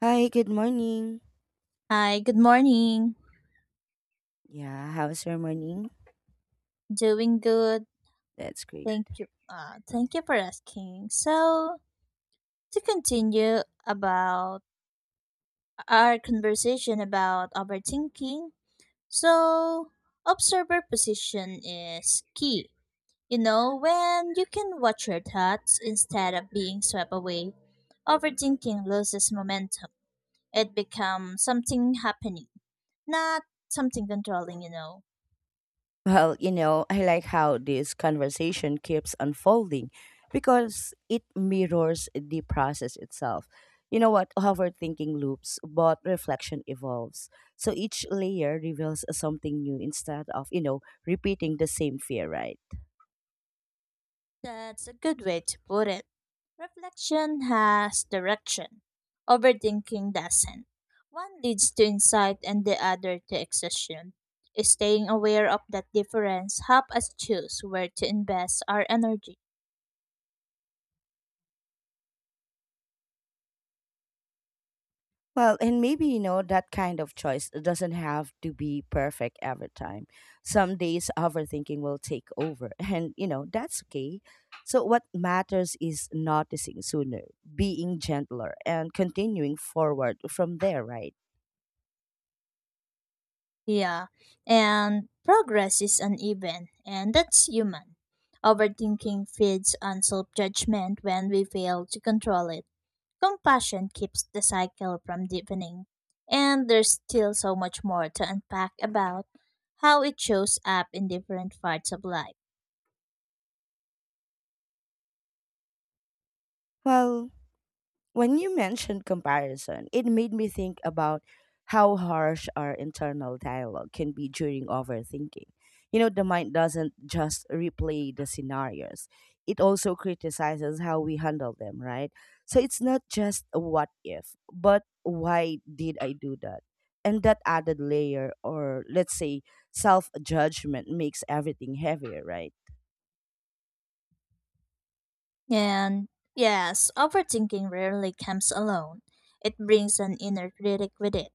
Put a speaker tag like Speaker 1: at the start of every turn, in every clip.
Speaker 1: Hi, good morning.
Speaker 2: Hi, good morning.
Speaker 1: Yeah, how's your morning?
Speaker 2: Doing good.
Speaker 1: That's great.
Speaker 2: Thank you. Thank you for asking. To continue about our conversation about overthinking, so observer position is key. You know, when you can watch your thoughts instead of being swept away, overthinking loses momentum. It becomes something happening, not something controlling, you know.
Speaker 1: Well, you know, I like how this conversation keeps unfolding because it mirrors the process itself. You know what? Overthinking loops, but reflection evolves. So each layer reveals something new instead of, you know, repeating the same fear, right?
Speaker 2: That's a good way to put it. Reflection has direction, overthinking doesn't. One leads to insight and the other to exhaustion. Staying aware of that difference helps us choose where to invest our energy.
Speaker 1: Well, and maybe, you know, that kind of choice doesn't have to be perfect every time. Some days overthinking will take over, and, you know, that's okay. So, what matters is noticing sooner, being gentler, and continuing forward from there, right?
Speaker 2: Yeah, and progress is uneven, and that's human. Overthinking feeds on self judgment when we fail to control it. Compassion keeps the cycle from deepening, and there's still so much more to unpack about how it shows up in different parts of life.
Speaker 1: Well, when you mentioned comparison, it made me think about how harsh our internal dialogue can be during overthinking. You know, the mind doesn't just replay the scenarios, it also criticizes how we handle them, right? So it's not just a what if, but why did I do that? And that added layer, or let's say self judgment, makes everything heavier, right?
Speaker 2: And yes, overthinking rarely comes alone, it brings an inner critic with it.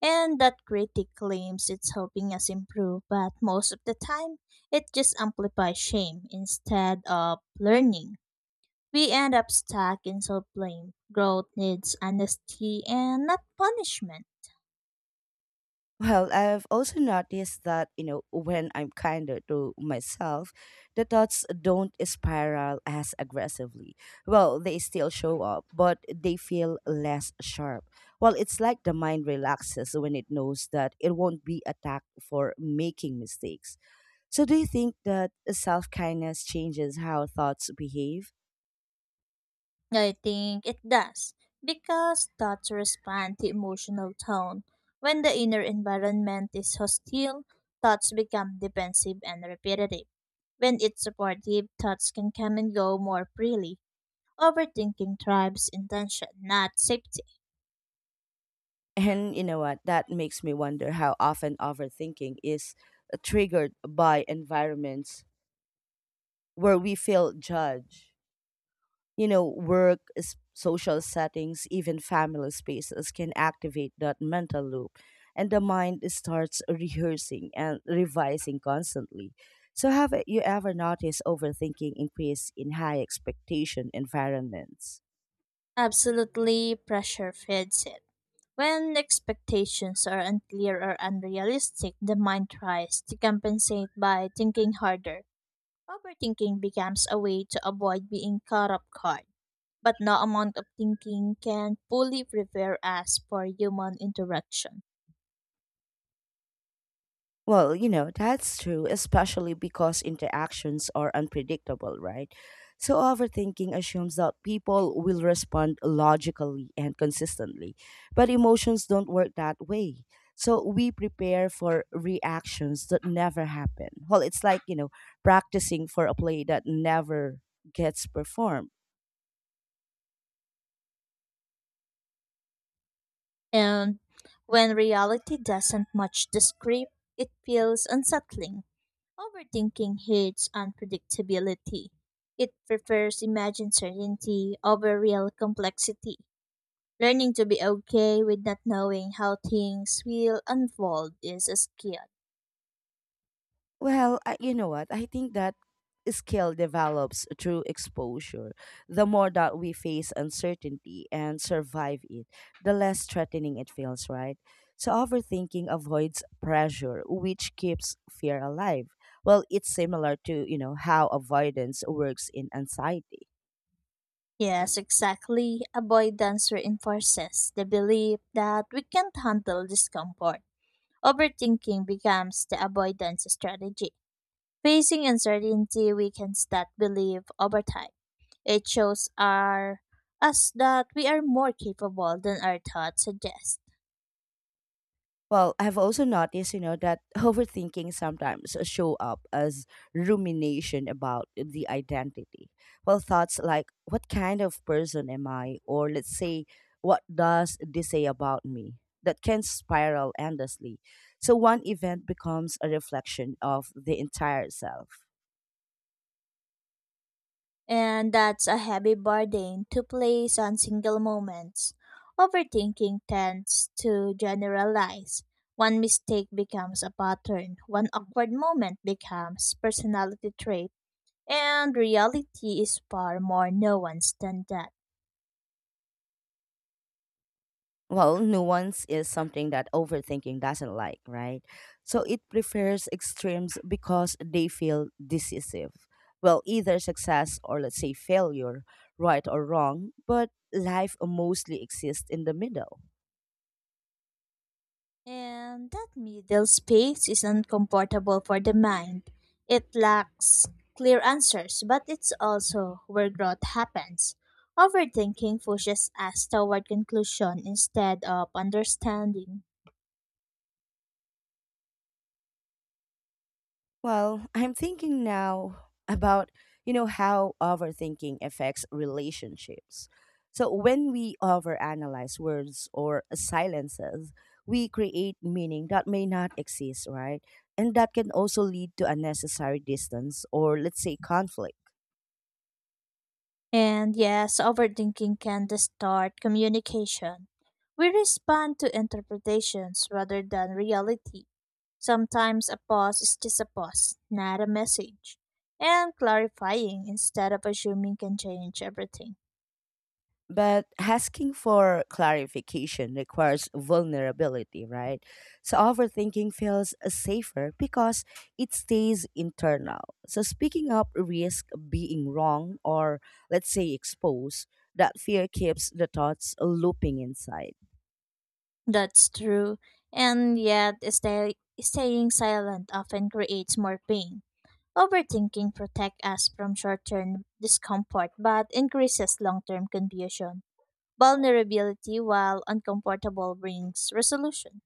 Speaker 2: And that critic claims it's helping us improve, but most of the time, it just amplifies shame instead of learning. We end up stuck in self blame. Growth needs honesty and not punishment.
Speaker 1: Well, I've also noticed that, you know, when I'm kinder to myself, the thoughts don't spiral as aggressively. Well, they still show up, but they feel less sharp. Well, it's like the mind relaxes when it knows that it won't be attacked for making mistakes. So, do you think that self kindness changes how thoughts behave?
Speaker 2: I think it does because thoughts respond to emotional tone. When the inner environment is hostile, thoughts become defensive and repetitive. When it's supportive, thoughts can come and go more freely. Overthinking thrives intention, not safety.
Speaker 1: And you know what? That makes me wonder how often overthinking is triggered by environments where we feel judged. You know, work, social settings, even family spaces can activate that mental loop, and the mind starts rehearsing and revising constantly. So, have you ever noticed overthinking increase in high expectation environments?
Speaker 2: Absolutely, pressure feeds it. When expectations are unclear or unrealistic, the mind tries to compensate by thinking harder. Overthinking becomes a way to avoid being caught off guard, but no amount of thinking can fully prepare us for human interaction.
Speaker 1: Well, you know, that's true, especially because interactions are unpredictable, right? So, overthinking assumes that people will respond logically and consistently, but emotions don't work that way. So, we prepare for reactions that never happen. Well, it's like, you know, practicing for a play that never gets performed.
Speaker 2: And when reality doesn't match the script, it feels unsettling. Overthinking hates unpredictability. It prefers imagined certainty over real complexity. Learning to be okay with not knowing how things will unfold is a skill.
Speaker 1: Well, you know what? I think that skill develops through exposure. The more that we face uncertainty and survive it, the less threatening it feels, right? So, overthinking avoids pressure, which keeps fear alive. Well, it's similar to, you know, how avoidance works in anxiety.
Speaker 2: Yes, exactly. Avoidance reinforces the belief that we can't handle discomfort. Overthinking becomes the avoidance strategy. Facing uncertainty weakens that belief over time. It shows us that we are more capable than our thoughts suggest.
Speaker 1: Well, I've also noticed, you know, that overthinking sometimes show up as rumination about the identity. Well, thoughts like, what kind of person am I? Or let's say, what does this say about me? That can spiral endlessly. So one event becomes a reflection of the entire self.
Speaker 2: And that's a heavy burden to place on single moments. Overthinking tends to generalize. One mistake becomes a pattern, one awkward moment becomes personality trait, and reality is far more nuanced than that.
Speaker 1: Well, nuance is something that overthinking doesn't like, right? So it prefers extremes because they feel decisive. Well, either success or let's say failure, right or wrong, but life mostly exists in the middle.
Speaker 2: And that middle space is uncomfortable for the mind. It lacks clear answers, but it's also where growth happens. Overthinking pushes us toward conclusion instead of understanding.
Speaker 1: Well, I'm thinking now about, you know, how overthinking affects relationships. So when we overanalyze words or silences, we create meaning that may not exist, right? And that can also lead to unnecessary distance or let's say conflict.
Speaker 2: And yes, overthinking can distort communication. We respond to interpretations rather than reality. Sometimes a pause is just a pause, not a message. And clarifying instead of assuming can change everything.
Speaker 1: But asking for clarification requires vulnerability, right? So overthinking feels safer because it stays internal. So speaking up risk being wrong or let's say exposed, that fear keeps the thoughts looping inside.
Speaker 2: That's true. And yet, staying silent often creates more pain. Overthinking protects us from short-term discomfort but increases long-term confusion. Vulnerability, while uncomfortable, brings resolution.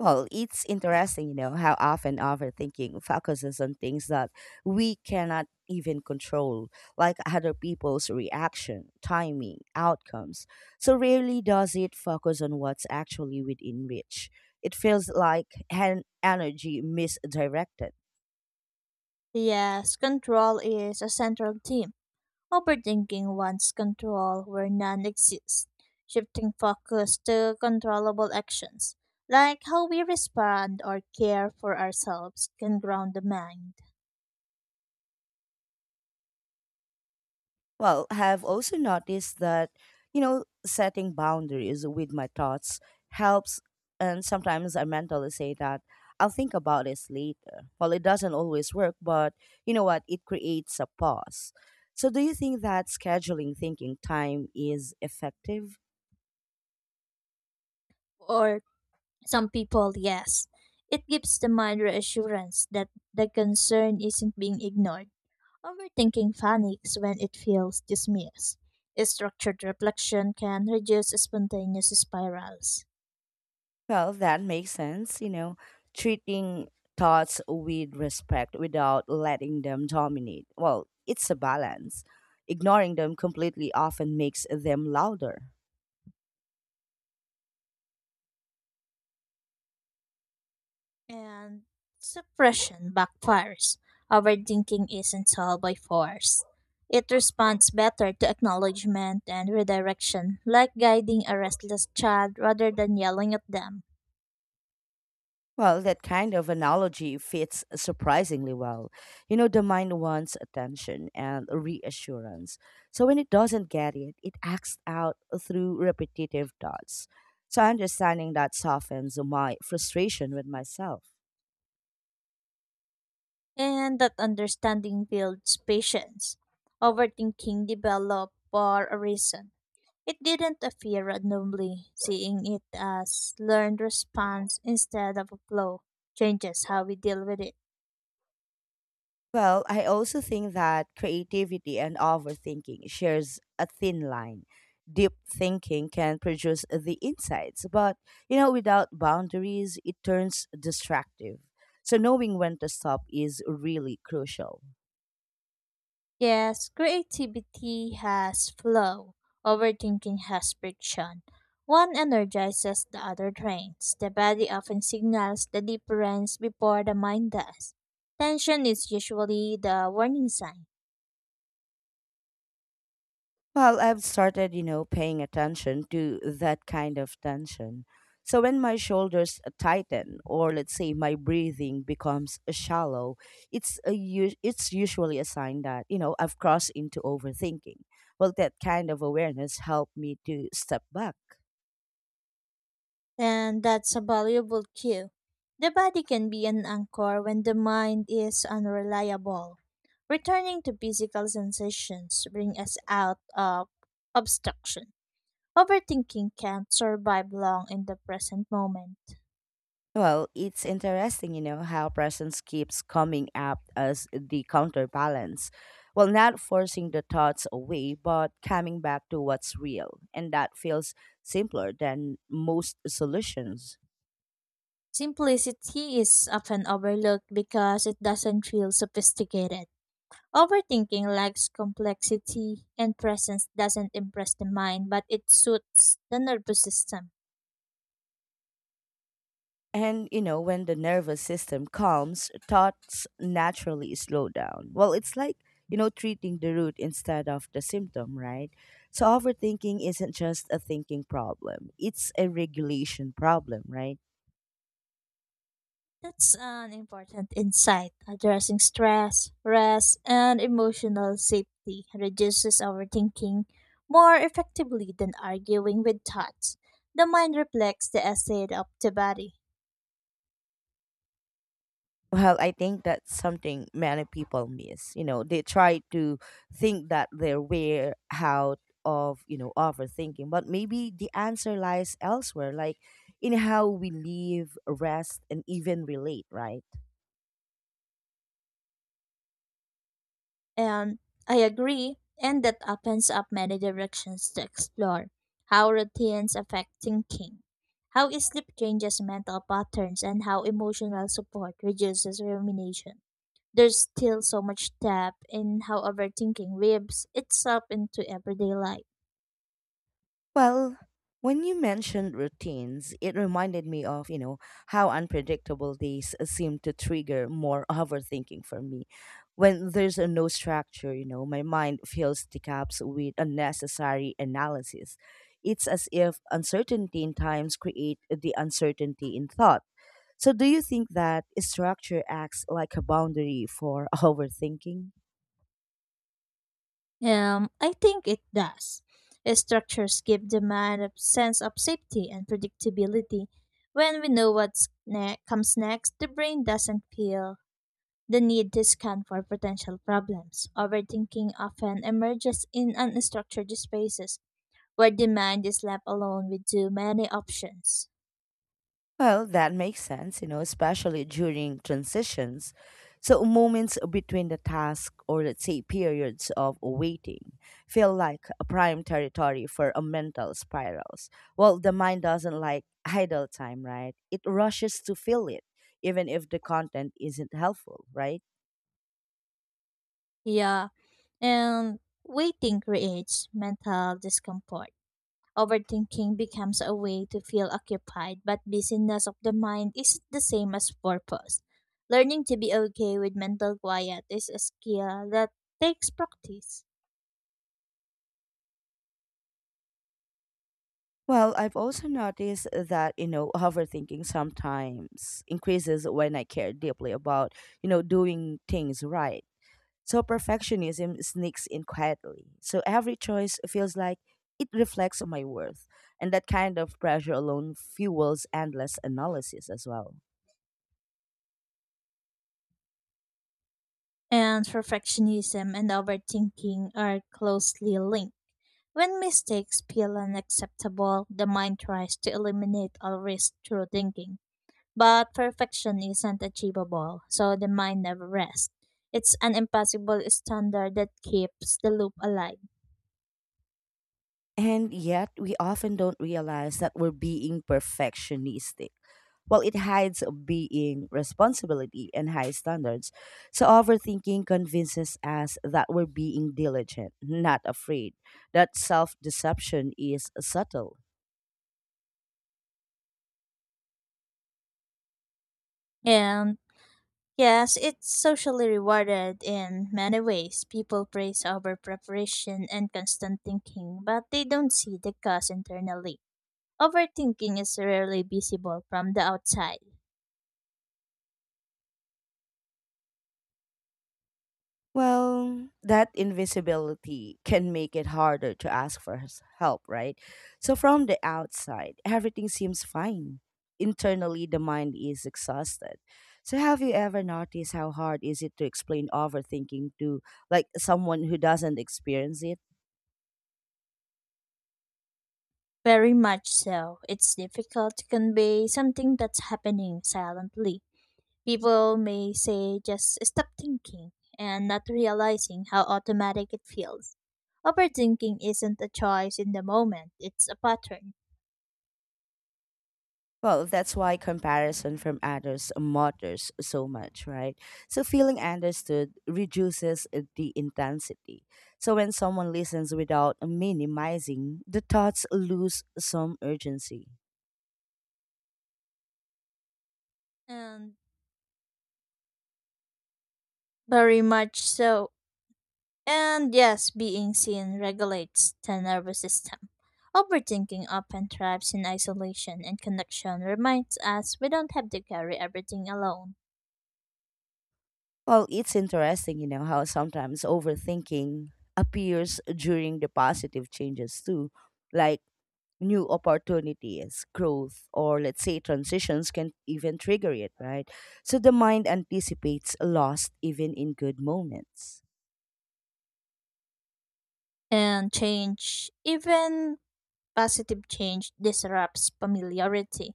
Speaker 1: Well, it's interesting, you know, how often overthinking focuses on things that we cannot even control, like other people's reaction, timing, outcomes. So rarely does it focus on what's actually within reach. It feels like an energy misdirected.
Speaker 2: Yes, control is a central theme. Overthinking wants control where none exists, shifting focus to controllable actions, like how we respond or care for ourselves, can ground the mind.
Speaker 1: Well, have also noticed that, you know, setting boundaries with my thoughts helps. And sometimes I mentally say that I'll think about this later. Well, it doesn't always work, but you know what? It creates a pause. So, do you think that scheduling thinking time is effective?
Speaker 2: Or some people, yes, it gives the mind reassurance that the concern isn't being ignored. Overthinking panics when it feels dismissed. Structured reflection can reduce spontaneous spirals.
Speaker 1: Well, that makes sense. You know, treating thoughts with respect without letting them dominate. Well, it's a balance. Ignoring them completely often makes them louder.
Speaker 2: And suppression backfires. Overthinking isn't solved by force. It responds better to acknowledgement and redirection, like guiding a restless child rather than yelling at them.
Speaker 1: Well, that kind of analogy fits surprisingly well. You know, the mind wants attention and reassurance. So when it doesn't get it, it acts out through repetitive thoughts. So understanding that softens my frustration with myself.
Speaker 2: And that understanding builds patience. Overthinking developed for a reason. It didn't appear randomly, seeing it as learned response instead of a flow changes how we deal with it.
Speaker 1: Well, I also think that creativity and overthinking shares a thin line. Deep thinking can produce the insights, but you know, without boundaries, it turns destructive. So knowing when to stop is really crucial.
Speaker 2: Yes, creativity has flow, overthinking has friction. One energizes, the other drains. The body often signals the difference before the mind does. Tension is usually the warning sign,
Speaker 1: Well, I've started, you know, paying attention to that kind of tension. So when my shoulders tighten, or let's say my breathing becomes shallow, it's usually a sign that you know I've crossed into overthinking. Well, that kind of awareness helped me to step back.
Speaker 2: and that's a valuable cue. The body can be an anchor when the mind is unreliable. Returning to physical sensations bring us out of obstruction. Overthinking can't survive long in the present moment.
Speaker 1: Well, it's interesting, you know, how presence keeps coming up as the counterbalance. Well, not forcing the thoughts away, but coming back to what's real. And that feels simpler than most solutions.
Speaker 2: Simplicity is often overlooked because it doesn't feel sophisticated. Overthinking lacks complexity, and presence doesn't impress the mind, but it suits the nervous system.
Speaker 1: And, you know, when the nervous system calms, thoughts naturally slow down. Well, it's like, you know, treating the root instead of the symptom, right? So, overthinking isn't just a thinking problem, it's a regulation problem, right?
Speaker 2: That's an important insight. Addressing stress, rest, and emotional safety reduces overthinking more effectively than arguing with thoughts. The mind reflects the state of the body.
Speaker 1: Well, I think that's something many people miss. You know, they try to think that they're way out of, you know, overthinking, but maybe the answer lies elsewhere, like in how we live, rest, and even relate, right?
Speaker 2: Um, I agree, and that opens up many directions to explore how routines affect thinking, how sleep changes mental patterns, and how emotional support reduces rumination. There's still so much depth in how overthinking weaves itself into everyday life.
Speaker 1: Well, when you mentioned routines, it reminded me of, you know, how unpredictable days seem to trigger more overthinking for me. When there's a no structure, you know, my mind fills the gaps with unnecessary analysis. It's as if uncertainty in times create the uncertainty in thought. So do you think that structure acts like a boundary for overthinking?
Speaker 2: I think it does. Structures give the mind a sense of safety and predictability. When we know what comes next, the brain doesn't feel the need to scan for potential problems. Overthinking often emerges in unstructured spaces where the mind is left alone with too many options.
Speaker 1: Well, that makes sense, you know, especially during transitions. So, moments between the task or let's say periods of waiting feel like a prime territory for a mental spirals. Well, the mind doesn't like idle time, right? It rushes to fill it, even if the content isn't helpful, right?
Speaker 2: Yeah, and waiting creates mental discomfort. Overthinking becomes a way to feel occupied, but busyness of the mind is the same as purpose. Learning to be okay with mental quiet is a skill that takes practice.
Speaker 1: Well, I've also noticed that, you know, overthinking sometimes increases when I care deeply about, you know, doing things right. So perfectionism sneaks in quietly. So every choice feels like it reflects on my worth. And that kind of pressure alone fuels endless analysis as well.
Speaker 2: And perfectionism and overthinking are closely linked. When mistakes feel unacceptable, the mind tries to eliminate all risk through thinking. But perfection isn't achievable, so the mind never rests. It's an impossible standard that keeps the loop alive.
Speaker 1: And yet, we often don't realize that we're being perfectionistic. Well, it hides being responsibility and high standards. So overthinking convinces us that we're being diligent, not afraid. That self deception is subtle.
Speaker 2: And yes, it's socially rewarded in many ways. People praise over preparation and constant thinking, but they don't see the cost internally. Overthinking is rarely visible from the outside.
Speaker 1: Well, that invisibility can make it harder to ask for his help, right? So from the outside, everything seems fine. Internally, the mind is exhausted. So have you ever noticed how hard is it to explain overthinking to like someone who doesn't experience it?
Speaker 2: Very much so. It's difficult to convey something that's happening silently. People may say just stop thinking and not realizing how automatic it feels. Overthinking isn't a choice in the moment, it's a pattern.
Speaker 1: Well, that's why comparison from others matters so much, right? So, feeling understood reduces the intensity. So, when someone listens without minimizing, the thoughts lose some urgency.
Speaker 2: And very much so. And yes, being seen regulates the nervous system. Overthinking often thrives in isolation, and connection reminds us we don't have to carry everything alone.
Speaker 1: Well, it's interesting, you know, how sometimes overthinking appears during the positive changes too. Like new opportunities, growth, or let's say transitions can even trigger it, right? So the mind anticipates loss even in good moments.
Speaker 2: And change, even positive change, disrupts familiarity.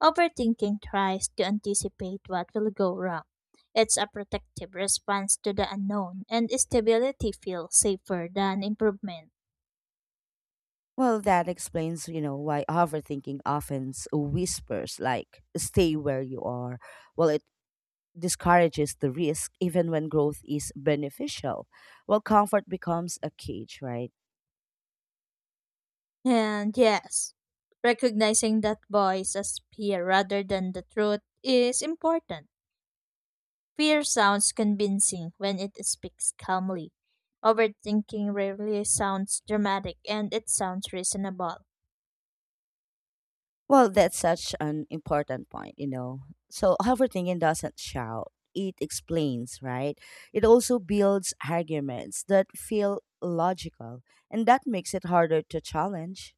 Speaker 2: Overthinking tries to anticipate what will go wrong. It's a protective response to the unknown, and stability feels safer than improvement.
Speaker 1: Well, that explains, you know, why overthinking often whispers like stay where you are. Well, it discourages the risk even when growth is beneficial. Well, comfort becomes a cage, right?
Speaker 2: And yes, recognizing that voice as fear rather than the truth is important. Fear sounds convincing when it speaks calmly. Overthinking rarely sounds dramatic and it sounds reasonable.
Speaker 1: Well, that's such an important point, you know. So overthinking doesn't shout, it explains, right? It also builds arguments that feel logical, and that makes it harder to challenge.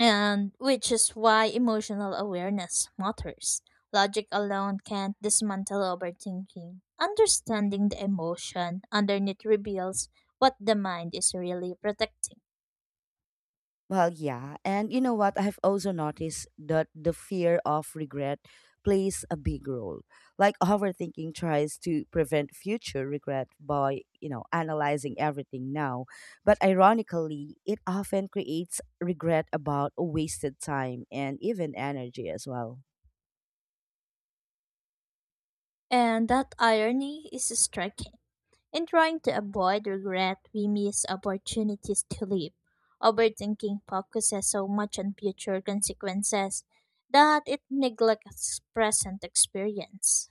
Speaker 2: And which is why emotional awareness matters. Logic alone can't dismantle overthinking. Understanding the emotion underneath reveals what the mind is really protecting.
Speaker 1: Well, yeah. And you know what? I have also noticed that the fear of regret plays a big role. Like overthinking tries to prevent future regret by, you know, analyzing everything now. But ironically, it often creates regret about wasted time and even energy as well.
Speaker 2: And that irony is striking. In trying to avoid regret, we miss opportunities to live. Overthinking focuses so much on future consequences that it neglects present experience.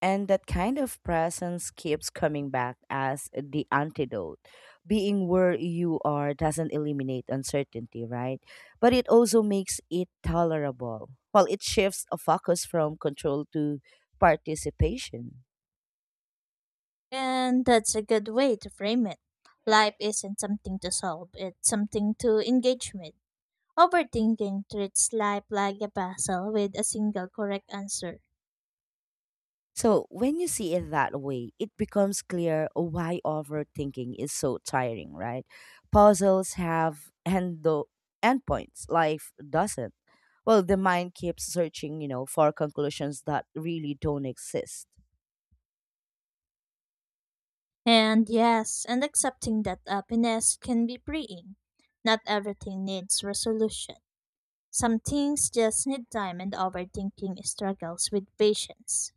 Speaker 1: And that kind of presence keeps coming back as the antidote. Being where you are doesn't eliminate uncertainty, right? But it also makes it tolerable. Well, it shifts a focus from control to participation.
Speaker 2: And that's a good way to frame it. Life isn't something to solve, it's something to engage with. Overthinking treats life like a puzzle with a single correct answer.
Speaker 1: So, when you see it that way, it becomes clear why overthinking is so tiring, right? Puzzles have endpoints, life doesn't. Well, the mind keeps searching, you know, for conclusions that really don't exist.
Speaker 2: And yes, and accepting that happiness can be freeing. Not everything needs resolution. Some things just need time, and overthinking struggles with patience.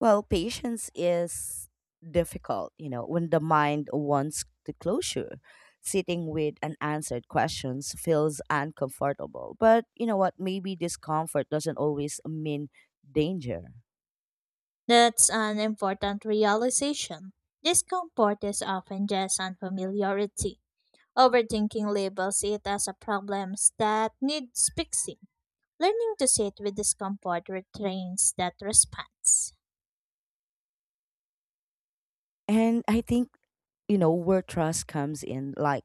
Speaker 1: Well, patience is difficult, you know, when the mind wants the closure. Sitting with unanswered questions feels uncomfortable. But you know what? Maybe discomfort doesn't always mean danger.
Speaker 2: That's an important realization. Discomfort is often just unfamiliarity. Overthinking labels it as a problem that needs fixing. Learning to sit with discomfort retrains that response.
Speaker 1: And I think, you know, where trust comes in, like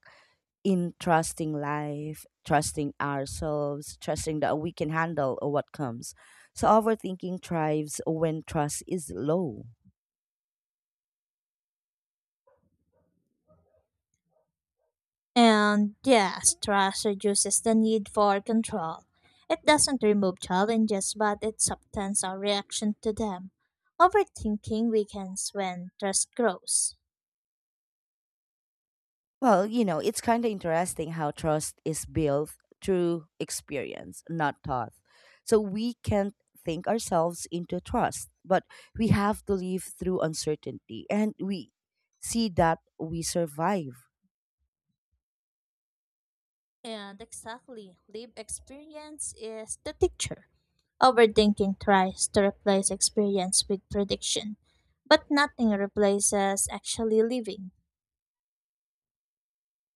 Speaker 1: in trusting life, trusting ourselves, trusting that we can handle what comes. So overthinking thrives when trust is low.
Speaker 2: And yes, trust reduces the need for control. It doesn't remove challenges, but it softens our reaction to them. Overthinking weakens when trust grows.
Speaker 1: Well, you know, it's kind of interesting how trust is built through experience, not thought. So we can't think ourselves into trust, but we have to live through uncertainty and we see that we survive.
Speaker 2: And exactly, live experience is the teacher. Overthinking tries to replace experience with prediction, but nothing replaces actually living.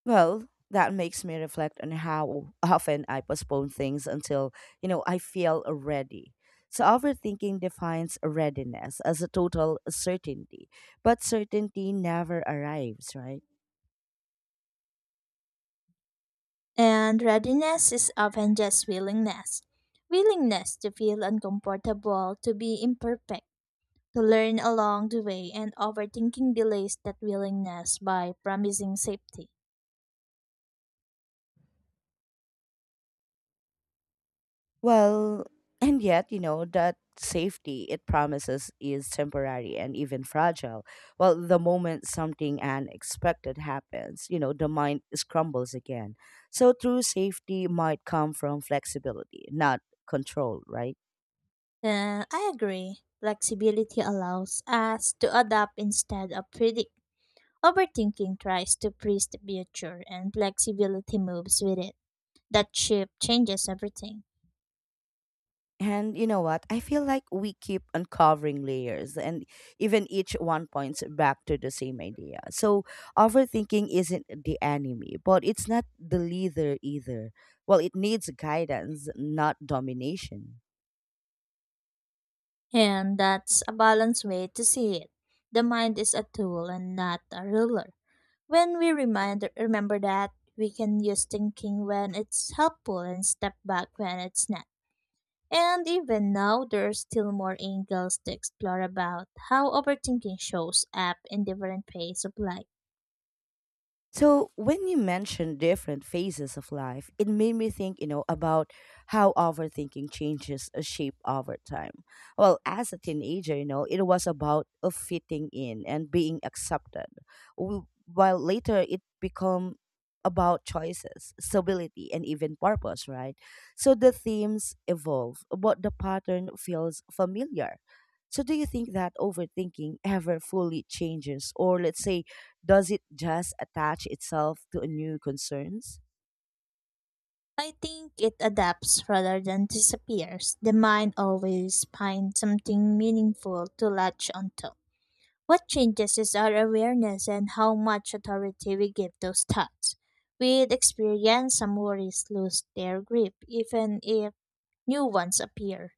Speaker 1: Well, that makes me reflect on how often I postpone things until, you know, I feel ready. So overthinking defines readiness as a total certainty, but certainty never arrives, right?
Speaker 2: And readiness is often just willingness to feel uncomfortable, to be imperfect, to learn along the way, and overthinking delays that willingness by promising safety.
Speaker 1: Well, and yet, you know, that safety it promises is temporary and even fragile. Well, the moment something unexpected happens, you know, the mind scrambles again. So, true safety might come from flexibility, not control, right?
Speaker 2: I agree. Flexibility allows us to adapt instead of predict. Overthinking tries to freeze the future, and flexibility moves with it. That shift changes everything.
Speaker 1: And you know what? I feel like we keep uncovering layers, and even each one points back to the same idea. So, overthinking isn't the enemy, but it's not the leader either. Well, it needs guidance, not domination.
Speaker 2: And that's a balanced way to see it. The mind is a tool and not a ruler. When we remember that, we can use thinking when it's helpful and step back when it's not. And even now, there are still more angles to explore about how overthinking shows up in different phases of life.
Speaker 1: So when you mentioned different phases of life, it made me think, you know, about how overthinking changes a shape over time. Well, as a teenager, you know, it was about a fitting in and being accepted, while later it become about choices, stability, and even purpose, right? So the themes evolve, but the pattern feels familiar. So do you think that overthinking ever fully changes, or let's say does it just attach itself to new concerns?
Speaker 2: I think it adapts rather than disappears. The mind always finds something meaningful to latch onto. What changes is our awareness and how much authority we give those thoughts. With experience, some worries lose their grip, even if new ones appear,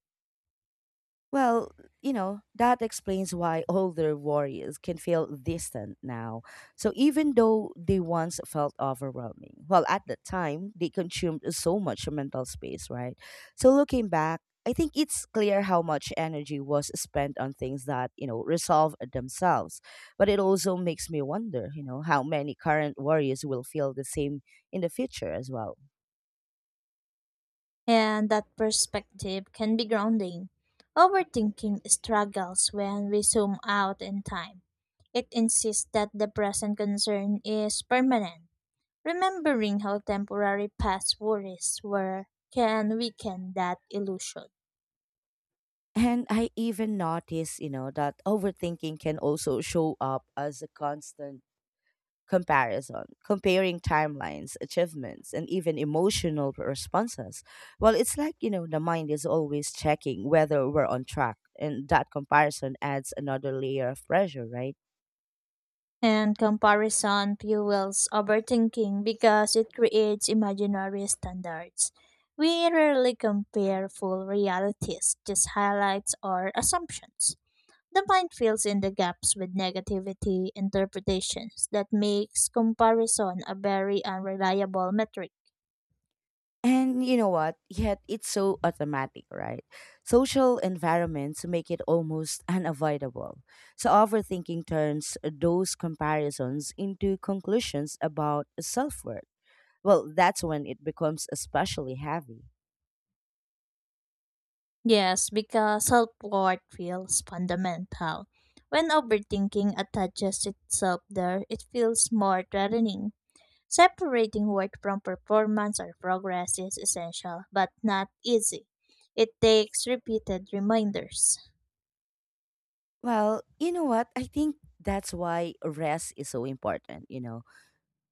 Speaker 1: Well, you know, that explains why older warriors can feel distant now. So even though they once felt overwhelming, well, at the time, they consumed so much mental space, right? So looking back, I think it's clear how much energy was spent on things that, you know, resolve themselves. But it also makes me wonder, you know, how many current warriors will feel the same in the future as well.
Speaker 2: and that perspective can be grounding. Overthinking struggles when we zoom out in time. It insists that the present concern is permanent. Remembering how temporary past worries were can weaken that illusion.
Speaker 1: And I even noticed, you know, that overthinking can also show up as a constant comparison, comparing timelines, achievements, and even emotional responses. Well, it's like, you know, the mind is always checking whether we're on track, and that comparison adds another layer of pressure, right?
Speaker 2: And comparison fuels overthinking because it creates imaginary standards. We rarely compare full realities, just highlights or assumptions. The mind fills in the gaps with negativity interpretations that makes comparison a very unreliable metric.
Speaker 1: And you know what? Yet it's so automatic, right? Social environments make it almost unavoidable. So overthinking turns those comparisons into conclusions about self worth. Well, that's when it becomes especially heavy.
Speaker 2: Yes, because self-worth feels fundamental. When overthinking attaches itself there, it feels more threatening. Separating work from performance or progress is essential, but not easy. It takes repeated reminders.
Speaker 1: Well, you know what? I think that's why rest is so important, you know?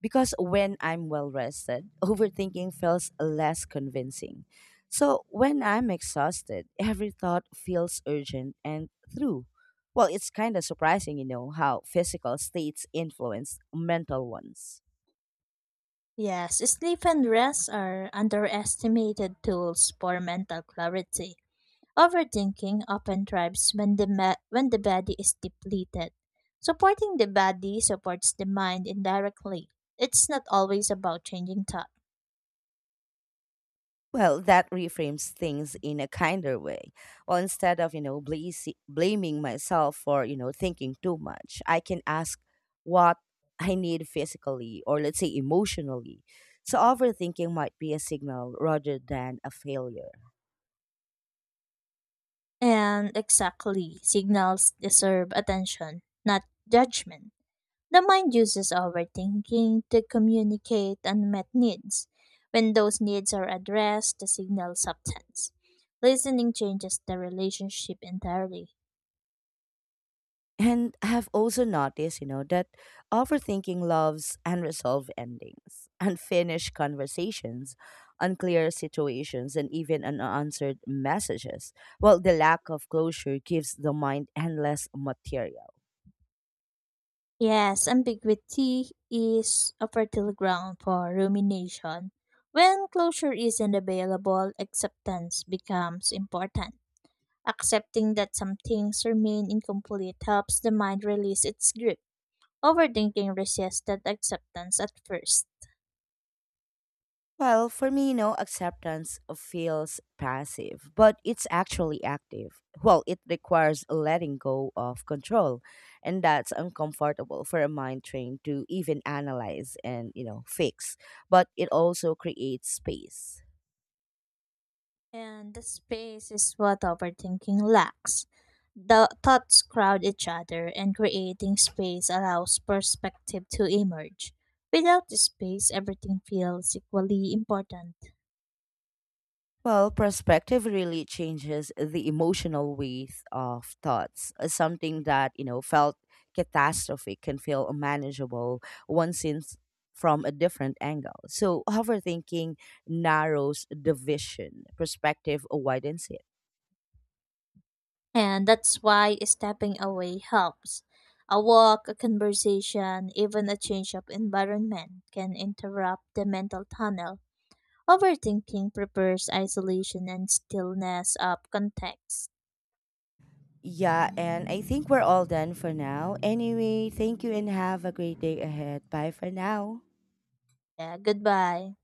Speaker 1: Because when I'm well rested, overthinking feels less convincing. So when I'm exhausted, every thought feels urgent and through. Well, it's kind of surprising, you know, how physical states influence mental ones.
Speaker 2: Yes, sleep and rest are underestimated tools for mental clarity. Overthinking often thrives when when the body is depleted. Supporting the body supports the mind indirectly. It's not always about changing thought.
Speaker 1: Well, that reframes things in a kinder way. Well, instead of, you know, blaming myself for, you know, thinking too much, I can ask what I need physically or let's say emotionally. So overthinking might be a signal rather than a failure.
Speaker 2: And exactly, signals deserve attention, not judgment. The mind uses overthinking to communicate unmet needs. When those needs are addressed, the signal subtends. Listening changes the relationship entirely.
Speaker 1: And I have also noticed, you know, that overthinking loves unresolved endings, unfinished conversations, unclear situations, and even unanswered messages. Well, the lack of closure gives the mind endless material.
Speaker 2: Yes, ambiguity is a fertile ground for rumination. When closure isn't available, acceptance becomes important. Accepting that some things remain incomplete helps the mind release its grip. Overthinking resists that acceptance at first.
Speaker 1: Well, for me, no acceptance feels passive, but it's actually active. Well, it requires letting go of control, and that's uncomfortable for a mind trained to even analyze and, you know, fix. But it also creates space.
Speaker 2: And the space is what overthinking lacks. The thoughts crowd each other, and creating space allows perspective to emerge. Without the space, everything feels equally important.
Speaker 1: Well, perspective really changes the emotional weight of thoughts. Something that, you know, felt catastrophic can feel unmanageable once seen from a different angle. So, overthinking narrows the vision, perspective widens it.
Speaker 2: And that's why stepping away helps. A walk, a conversation, even a change of environment can interrupt the mental tunnel. Overthinking prepares isolation and stillness of context.
Speaker 1: Yeah, and I think we're all done for now. Anyway, thank you and have a great day ahead. Bye for now.
Speaker 2: Yeah, goodbye.